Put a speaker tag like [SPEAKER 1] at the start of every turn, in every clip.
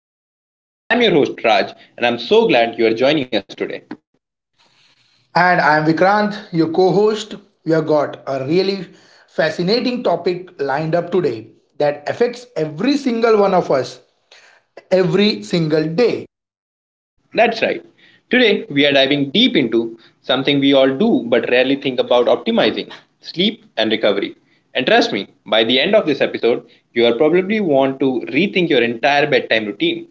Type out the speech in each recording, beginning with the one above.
[SPEAKER 1] Wellness Wave. I'm your host, Raj, and I'm so glad you are joining us today.
[SPEAKER 2] And I'm Vikrant, your co host. We have got a really fascinating topic lined up today that affects every single one of us every single day.
[SPEAKER 1] That's right. Today, we are diving deep into something we all do but rarely think about optimizing sleep and recovery. And trust me, by the end of this episode, you are probably want to rethink your entire bedtime routine.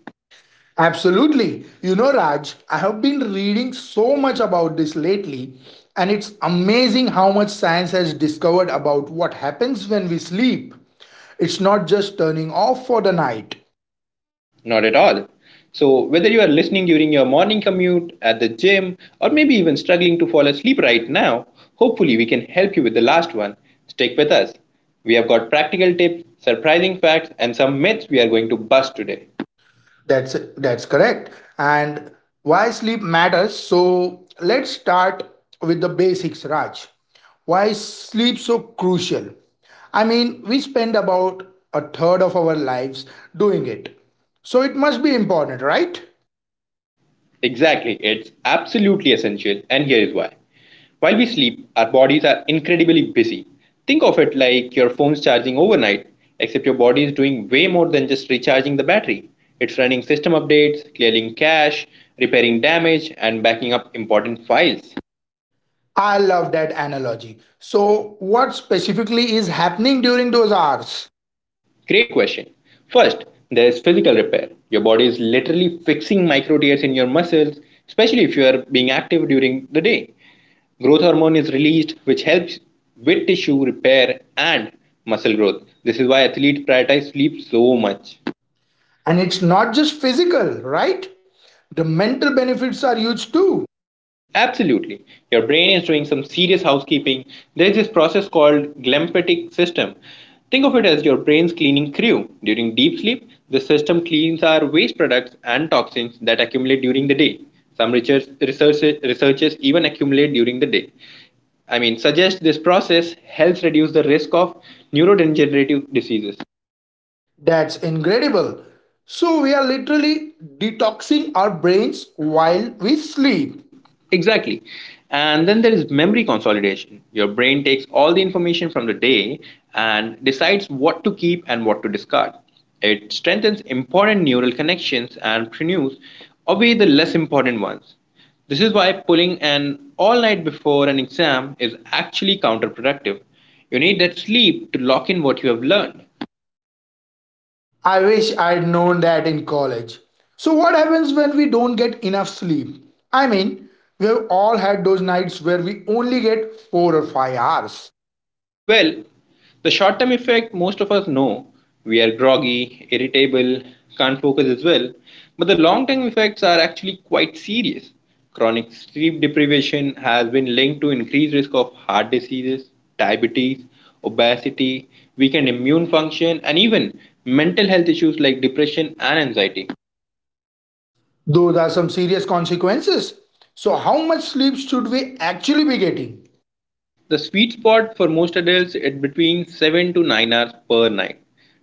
[SPEAKER 2] Absolutely. You know, Raj, I have been reading so much about this lately, and it's amazing how much science has discovered about what happens when we sleep. It's not just turning off for the night.
[SPEAKER 1] Not at all. So, whether you are listening during your morning commute, at the gym, or maybe even struggling to fall asleep right now, hopefully we can help you with the last one. Stick with us. We have got practical tips, surprising facts, and some myths we are going to bust today.
[SPEAKER 2] That's correct. And why sleep matters. So let's start with the basics, Raj. Why is sleep so crucial? I mean, we spend about a third of our lives doing it. So it must be important, right?
[SPEAKER 1] Exactly, it's absolutely essential, and here is why. While we sleep, our bodies are incredibly busy. Think of it like your phone's charging overnight, except your body is doing way more than just recharging the battery. It's running system updates, clearing cache, repairing damage, and backing up important files.
[SPEAKER 2] I love that analogy. So what specifically is happening during those hours?
[SPEAKER 1] Great question. First, there is physical repair. Your body is literally fixing micro tears in your muscles, especially if you are being active during the day. Growth hormone is released, which helps with tissue repair and muscle growth. This is why athletes prioritize sleep so much.
[SPEAKER 2] And it's not just physical, right? The mental benefits are huge too.
[SPEAKER 1] Absolutely. Your brain is doing some serious housekeeping. There's this process called glymphatic system. Think of it as your brain's cleaning crew. During deep sleep, the system cleans our waste products and toxins that accumulate during the day. Some research, research, researchers even accumulate during the day. Suggest this process helps reduce the risk of neurodegenerative diseases.
[SPEAKER 2] That's incredible. So we are literally detoxing our brains while we sleep.
[SPEAKER 1] Exactly. And then there is memory consolidation. Your brain takes all the information from the day and decides what to keep and what to discard. It strengthens important neural connections and renews away the less important ones. This is why pulling an all night before an exam is actually counterproductive. You need that sleep to lock in what you have learned.
[SPEAKER 2] I wish I'd known that in college. So what happens when we don't get enough sleep? I mean, we have all had those nights where we only get 4 or 5 hours.
[SPEAKER 1] Well, the short term effect most of us know. We are groggy, irritable, can't focus as well. But the long term effects are actually quite serious. Chronic sleep deprivation has been linked to increased risk of heart diseases, diabetes, obesity, weakened immune function, and even mental health issues like depression and anxiety.
[SPEAKER 2] Those are some serious consequences. So how much sleep should we actually be getting?
[SPEAKER 1] The sweet spot for most adults is between 7 to 9 hours per night.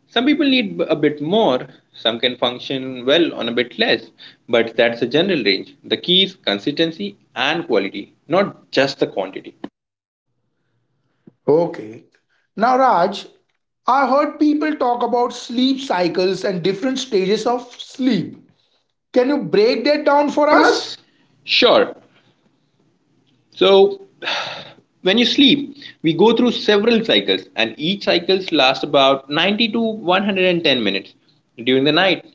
[SPEAKER 1] Some people need a bit more, some can function well on a bit less, but that's a general range. The key is consistency and quality, not just the quantity.
[SPEAKER 2] Okay. Now Raj, I heard people talk about sleep cycles and different stages of sleep. Can you break that down for us?
[SPEAKER 1] Sure. So, when you sleep, we go through several cycles, and each cycle lasts about 90 to 110 minutes. During the night,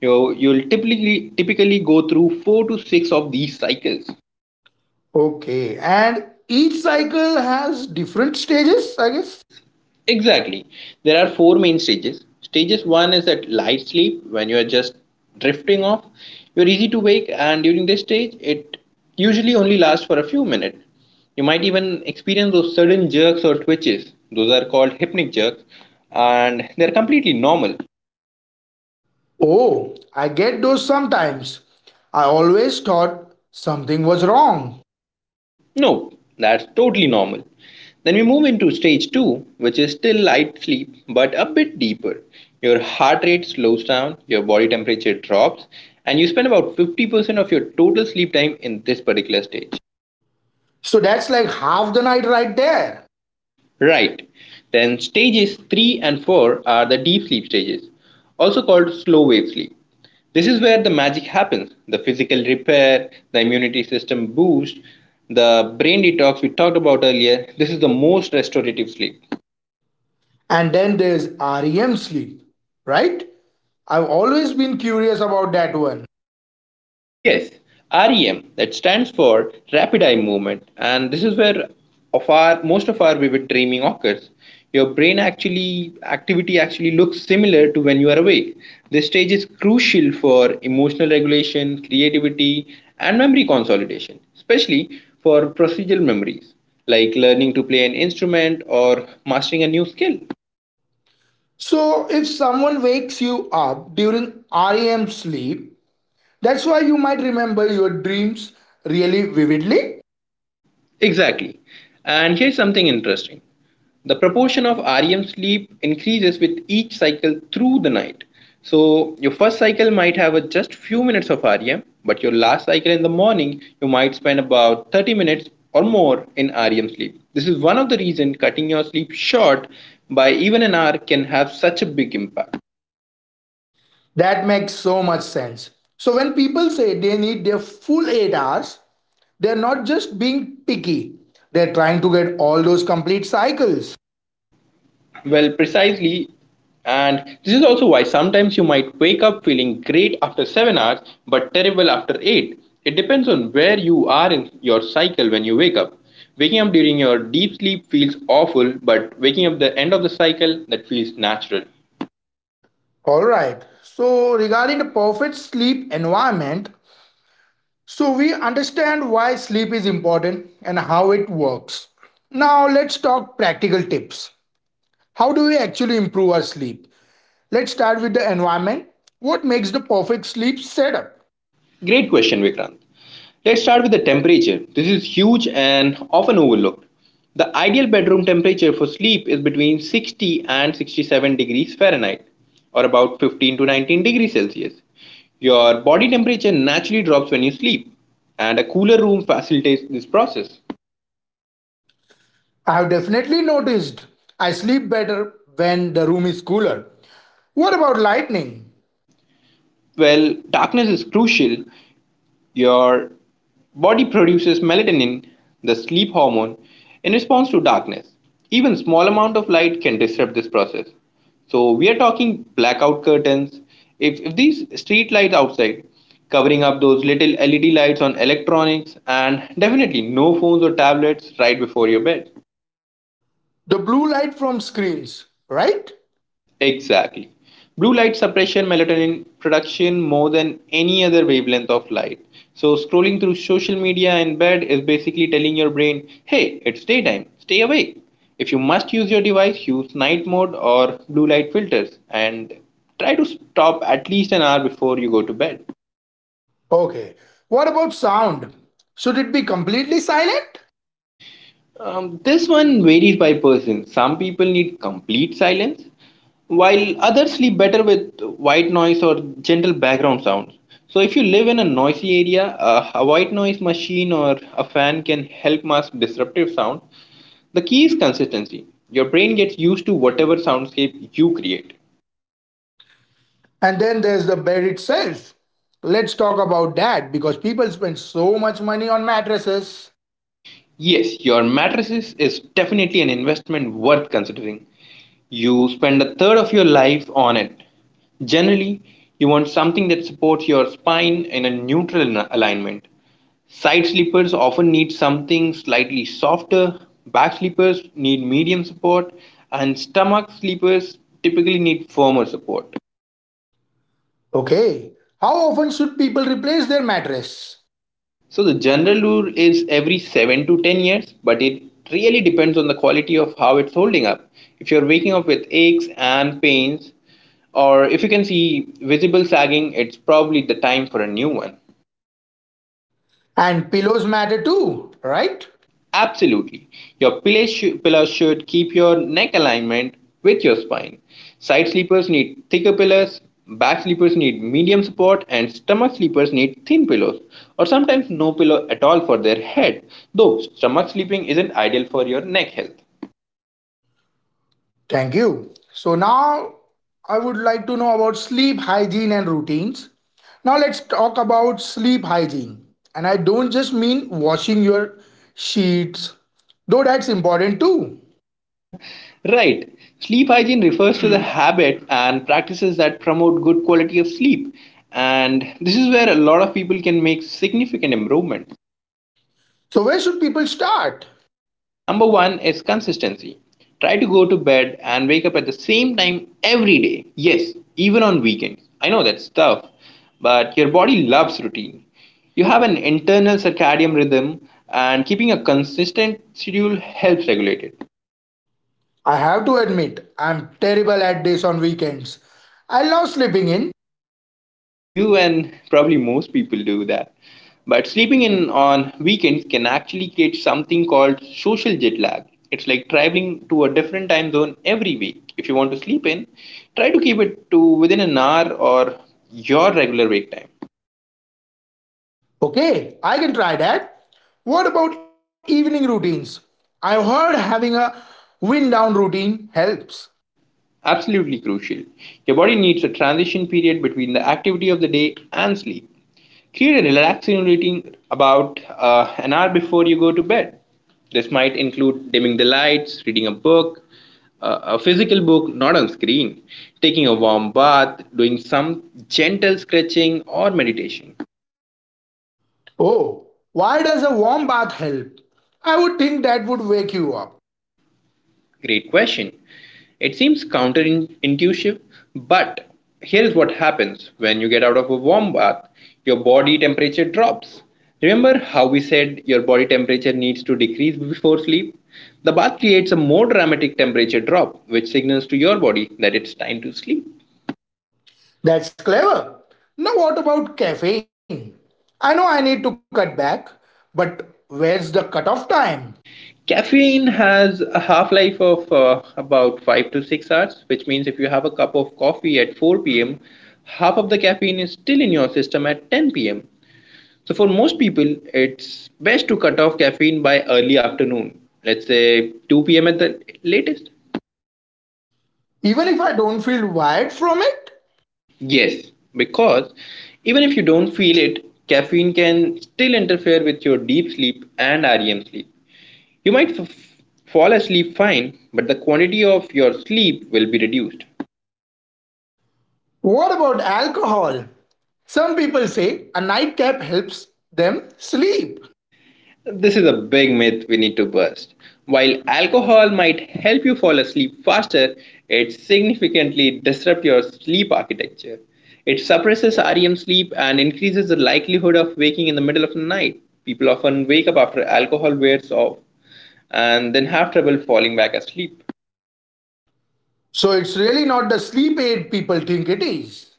[SPEAKER 1] you'll typically go through 4 to 6 of these cycles.
[SPEAKER 2] Okay, and each cycle has different stages, I guess.
[SPEAKER 1] Exactly. There are four main stages. Stages one is at light sleep when you are just drifting off. You're easy to wake, and during this stage, it usually only lasts for a few minutes. You might even experience those sudden jerks or twitches. Those are called hypnic jerks, and they're completely normal.
[SPEAKER 2] Oh, I get those sometimes. I always thought something was wrong.
[SPEAKER 1] No, that's totally normal. Then we move into stage two, which is still light sleep but a bit deeper. Your heart rate slows down, your body temperature drops, and you spend about 50% of your total sleep time in this particular stage.
[SPEAKER 2] So that's like half the night right there.
[SPEAKER 1] Right. Then stages three and four are the deep sleep stages, also called slow wave sleep. This is where the magic happens the physical repair, the immunity system boost, the brain detox we talked about earlier. This is the most restorative sleep.
[SPEAKER 2] And then there's REM sleep, right? I've always been curious about that one.
[SPEAKER 1] Yes, REM that stands for rapid eye movement, and this is where of our most of our vivid dreaming occurs. Your brain actually activity actually looks similar to when you are awake. This stage is crucial for emotional regulation, creativity, and memory consolidation, especially for procedural memories like learning to play an instrument or mastering a new skill.
[SPEAKER 2] So if someone wakes you up during REM sleep, that's why you might remember your dreams really vividly.
[SPEAKER 1] Exactly. And here's something interesting. The proportion of REM sleep increases with each cycle through the night. So your first cycle might have a just few minutes of REM, but your last cycle in the morning you might spend about 30 minutes or more in REM sleep. This is one of the reasons cutting your sleep short by even an hour can have such a big impact.
[SPEAKER 2] That makes so much sense. So when people say they need their full 8 hours, they're not just being picky, they're trying to get all those complete cycles.
[SPEAKER 1] Well, precisely. And this is also why sometimes you might wake up feeling great after 7 hours but terrible after 8. It depends on where you are in your cycle when you wake up. Waking up during your deep sleep feels awful, but waking up the end of the cycle that feels natural.
[SPEAKER 2] All right. So, regarding the perfect sleep environment, so we understand why sleep is important and how it works. Now, let's talk practical tips. How do we actually improve our sleep? Let's start with the environment. What makes the perfect sleep setup?
[SPEAKER 1] Great question, Vikrant. Let's start with the temperature. This is huge and often overlooked. The ideal bedroom temperature for sleep is between 60 and 67 degrees Fahrenheit, or about 15 to 19 degrees Celsius. Your body temperature naturally drops when you sleep, and a cooler room facilitates this process.
[SPEAKER 2] I have definitely noticed I sleep better when the room is cooler. What about lightning?
[SPEAKER 1] Well, darkness is crucial. Your body produces melatonin, the sleep hormone, in response to darkness. Even small amount of light can disrupt this process. So we are talking blackout curtains. If these street lights outside, covering up those little LED lights on electronics, and definitely no phones or tablets right before your bed.
[SPEAKER 2] The blue light from screens, right?
[SPEAKER 1] Exactly. Blue light suppression melatonin production more than any other wavelength of light. So, scrolling through social media in bed is basically telling your brain, hey, it's daytime, stay awake. If you must use your device, use night mode or blue light filters and try to stop at least an hour before you go to bed.
[SPEAKER 2] Okay. What about sound? Should it be completely silent?
[SPEAKER 1] This one varies by person. Some people need complete silence, while others sleep better with white noise or gentle background sounds. So, if you live in a noisy area, a white noise machine or a fan can help mask disruptive sound. The key is consistency. Your brain gets used to whatever soundscape you create.
[SPEAKER 2] And then there's the bed itself. Let's talk about that because people spend so much money on mattresses.
[SPEAKER 1] Yes, your mattresses is definitely an investment worth considering. You spend a third of your life on it. Generally, you want something that supports your spine in a neutral alignment. Side sleepers often need something slightly softer, back sleepers need medium support, and stomach sleepers typically need firmer support.
[SPEAKER 2] Okay. How often should people replace their mattress?
[SPEAKER 1] So the general rule is every 7 to 10 years, but it really depends on the quality of how it's holding up. If you're waking up with aches and pains, or if you can see visible sagging, it's probably the time for a new one.
[SPEAKER 2] And pillows matter too, right?
[SPEAKER 1] Right? Absolutely. Your pillow should keep your neck alignment with your spine. Side sleepers need thicker pillows, back sleepers need medium support, and stomach sleepers need thin pillows, or sometimes no pillow at all for their head, though stomach sleeping isn't ideal for your neck health.
[SPEAKER 2] Thank you. So now I would like to know about sleep hygiene and routines. Now let's talk about sleep hygiene. And I don't just mean washing your sheets, though that's important too.
[SPEAKER 1] Right. Sleep hygiene refers to the habit and practices that promote good quality of sleep. And this is where a lot of people can make significant improvement.
[SPEAKER 2] So where should people start?
[SPEAKER 1] Number one is consistency. Try to go to bed and wake up at the same time every day. Yes, even on weekends. I know that's tough, but your body loves routine. You have an internal circadian rhythm, and keeping a consistent schedule helps regulate it.
[SPEAKER 2] I have to admit, I'm terrible at this on weekends. I love sleeping in.
[SPEAKER 1] You and probably most people do that. But sleeping in on weekends can actually create something called social jet lag. It's like traveling to a different time zone every week. If you want to sleep in, try to keep it to within an hour or your regular wake time.
[SPEAKER 2] Okay, I can try that. What about evening routines? I've heard having a wind down routine helps.
[SPEAKER 1] Absolutely crucial. Your body needs a transition period between the activity of the day and sleep. Create a relaxing routine about an hour before you go to bed. This might include dimming the lights, reading a book, a physical book, not on screen, taking a warm bath, doing some gentle stretching or meditation.
[SPEAKER 2] Oh, why does a warm bath help? I would think that would wake you up.
[SPEAKER 1] Great question. It seems counterintuitive, but here is what happens when you get out of a warm bath your body temperature drops. Remember how we said your body temperature needs to decrease before sleep? The bath creates a more dramatic temperature drop, which signals to your body that it's time to sleep.
[SPEAKER 2] That's clever. Now, what about caffeine? I know I need to cut back, but where's the cutoff time?
[SPEAKER 1] Caffeine has a half life of about 5 to 6 hours, which means if you have a cup of coffee at 4 p.m., half of the caffeine is still in your system at 10 pm. So for most people, it's best to cut off caffeine by early afternoon, let's say 2 p.m. at the latest.
[SPEAKER 2] Even if I don't feel wired from it?
[SPEAKER 1] Yes, because even if you don't feel it, caffeine can still interfere with your deep sleep and REM sleep. You might fall asleep fine, but the quantity of your sleep will be reduced.
[SPEAKER 2] What about alcohol? Some people say a nightcap helps them sleep.
[SPEAKER 1] This is a big myth we need to bust. While alcohol might help you fall asleep faster, it significantly disrupts your sleep architecture. It suppresses REM sleep and increases the likelihood of waking in the middle of the night. People often wake up after alcohol wears off and then have trouble falling back asleep.
[SPEAKER 2] So it's really not the sleep aid people think it is.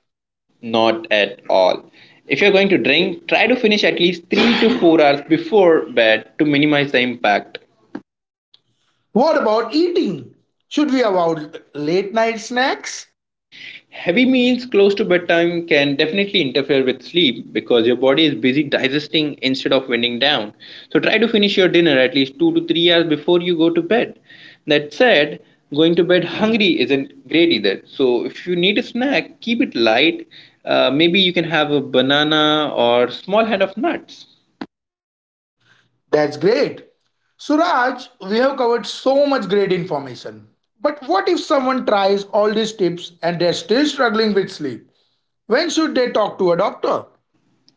[SPEAKER 1] Not at all. If you're going to drink, try to finish at least 3 to 4 hours before bed to minimize the impact.
[SPEAKER 2] What about eating? Should we avoid late night snacks?
[SPEAKER 1] Heavy meals close to bedtime can definitely interfere with sleep because your body is busy digesting instead of winding down. So try to finish your dinner at least 2 to 3 hours before you go to bed. That said, going to bed hungry isn't great either. So if you need a snack, keep it light. Maybe you can have a banana or small hand of nuts.
[SPEAKER 2] That's great. Suraj, we have covered so much great information. But what if someone tries all these tips and they're still struggling with sleep? When should they talk to a doctor?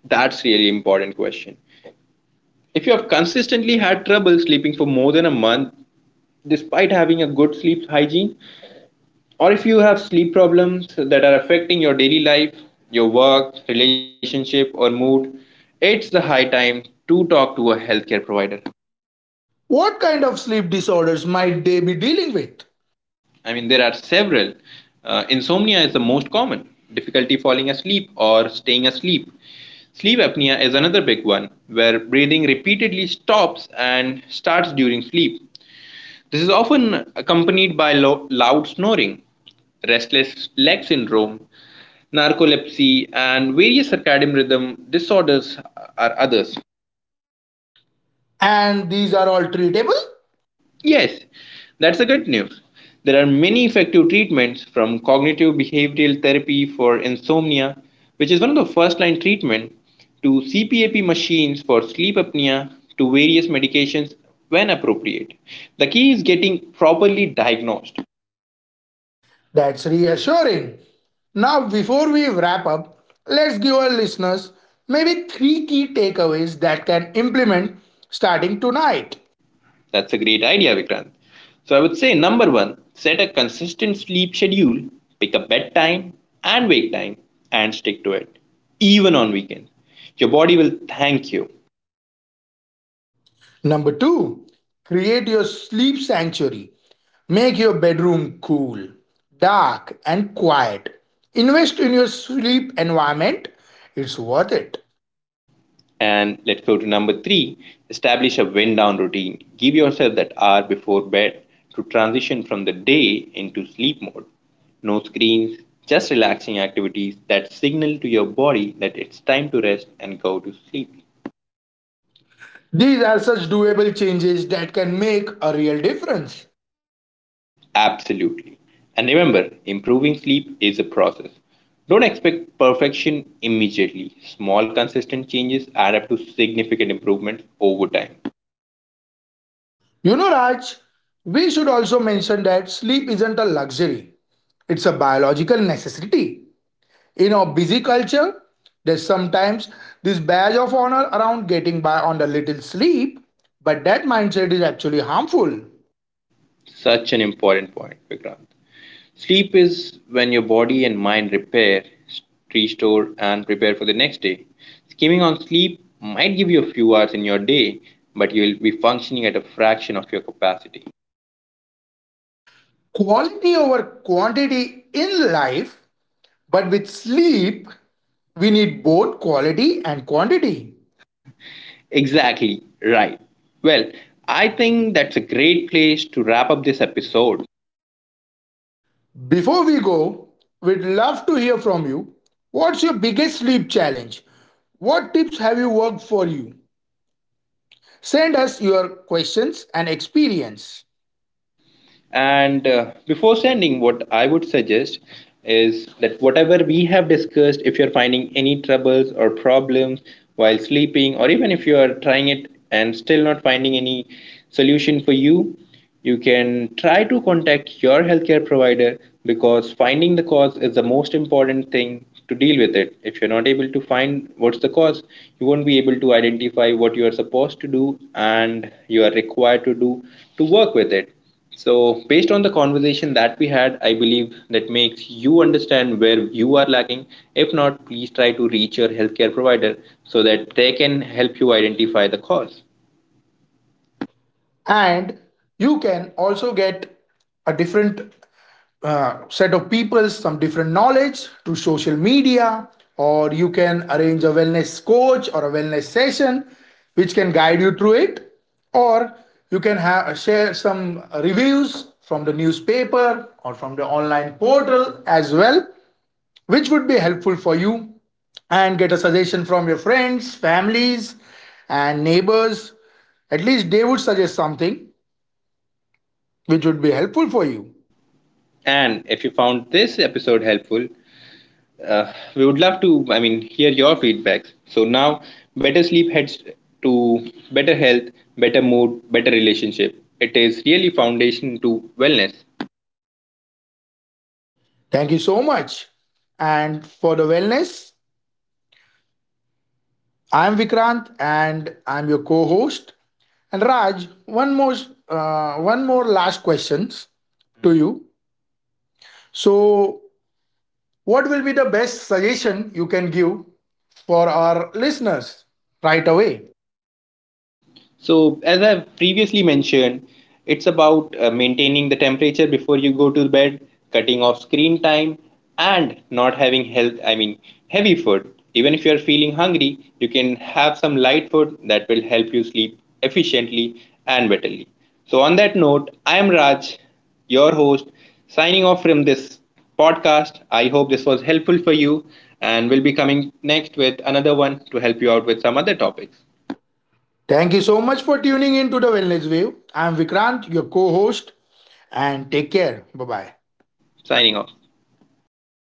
[SPEAKER 1] That's really important question. If you have consistently had trouble sleeping for more than a month, despite having a good sleep hygiene, or if you have sleep problems that are affecting your daily life, your work, relationship, or mood, it's the high time to talk to a healthcare provider.
[SPEAKER 2] What kind of sleep disorders might they be dealing with?
[SPEAKER 1] There are several. Insomnia is the most common, difficulty falling asleep or staying asleep. Sleep apnea is another big one, where breathing repeatedly stops and starts during sleep. This is often accompanied by loud snoring, restless leg syndrome, narcolepsy, and various circadian rhythm disorders are others.
[SPEAKER 2] And these are all treatable?
[SPEAKER 1] Yes, that's the good news. There are many effective treatments from cognitive behavioral therapy for insomnia, which is one of the first line treatment, to CPAP machines for sleep apnea, to various medications when appropriate. The key is getting properly diagnosed.
[SPEAKER 2] That's reassuring. Now, before we wrap up, let's give our listeners maybe three key takeaways that can implement starting tonight.
[SPEAKER 1] That's a great idea, Vikrant. So I would say number one, set a consistent sleep schedule, pick a bedtime and wake time, and stick to it, even on weekends. Your body will thank you.
[SPEAKER 2] Number two, create your sleep sanctuary. Make your bedroom cool, dark, and quiet. Invest in your sleep environment, it's worth it.
[SPEAKER 1] And let's go to number three, establish a wind down routine. Give yourself that hour before bed to transition from the day into sleep mode. No screens, just relaxing activities that signal to your body that it's time to rest and go to sleep.
[SPEAKER 2] These are such doable changes that can make a real difference.
[SPEAKER 1] Absolutely. And remember, improving sleep is a process. Don't expect perfection immediately. Small, consistent changes add up to significant improvements over time.
[SPEAKER 2] You know, Raj, we should also mention that sleep isn't a luxury, it's a biological necessity. In our busy culture, there's sometimes this badge of honor around getting by on a little sleep, but that mindset is actually harmful.
[SPEAKER 1] Such an important point, Vikrant. Sleep is when your body and mind repair, restore, and prepare for the next day. Skimming on sleep might give you a few hours in your day, but you will be functioning at a fraction of your capacity.
[SPEAKER 2] Quality over quantity in life, but with sleep, we need both quality and quantity.
[SPEAKER 1] Exactly right. Well, I think that's a great place to wrap up this episode.
[SPEAKER 2] Before we go, we'd love to hear from you. What's your biggest sleep challenge? What tips have you worked for you? Send us your questions and experience.
[SPEAKER 1] And before sending, what I would suggest is that whatever we have discussed, if you're finding any troubles or problems while sleeping, or even if you are trying it and still not finding any solution for you, you can try to contact your healthcare provider because finding the cause is the most important thing to deal with it. If you're not able to find what's the cause, you won't be able to identify what you are supposed to do and you are required to do to work with it. So, based on the conversation that we had, I believe that makes you understand where you are lacking. If not, please try to reach your healthcare provider so that they can help you identify the cause.
[SPEAKER 2] And you can also get a different set of people some different knowledge through social media, or you can arrange a wellness coach or a wellness session which can guide you through it, or you can have share some reviews from the newspaper or from the online portal as well, which would be helpful for you, and get a suggestion from your friends families and neighbors. At least they would suggest something which would be helpful for you.
[SPEAKER 1] And if you found this episode helpful, we would love to, hear your feedbacks. So now, better sleep heads to better health, better mood, better relationship. It is really foundation to wellness.
[SPEAKER 2] Thank you so much. And for the wellness, I'm Vikrant and I'm your co-host. And Raj, one more last questions to you. So, what will be the best suggestion you can give for our listeners right away?
[SPEAKER 1] So, as I've previously mentioned, it's about maintaining the temperature before you go to bed, cutting off screen time, and not having heavy food. Even if you're feeling hungry, you can have some light food that will help you sleep efficiently and betterly. So, on that note, I am Raj, your host, signing off from this podcast. I hope this was helpful for you, and we'll be coming next with another one to help you out with some other topics.
[SPEAKER 2] Thank you so much for tuning in to the Wellness Wave. I'm Vikrant, your co-host, and take care. Bye bye.
[SPEAKER 1] Signing off.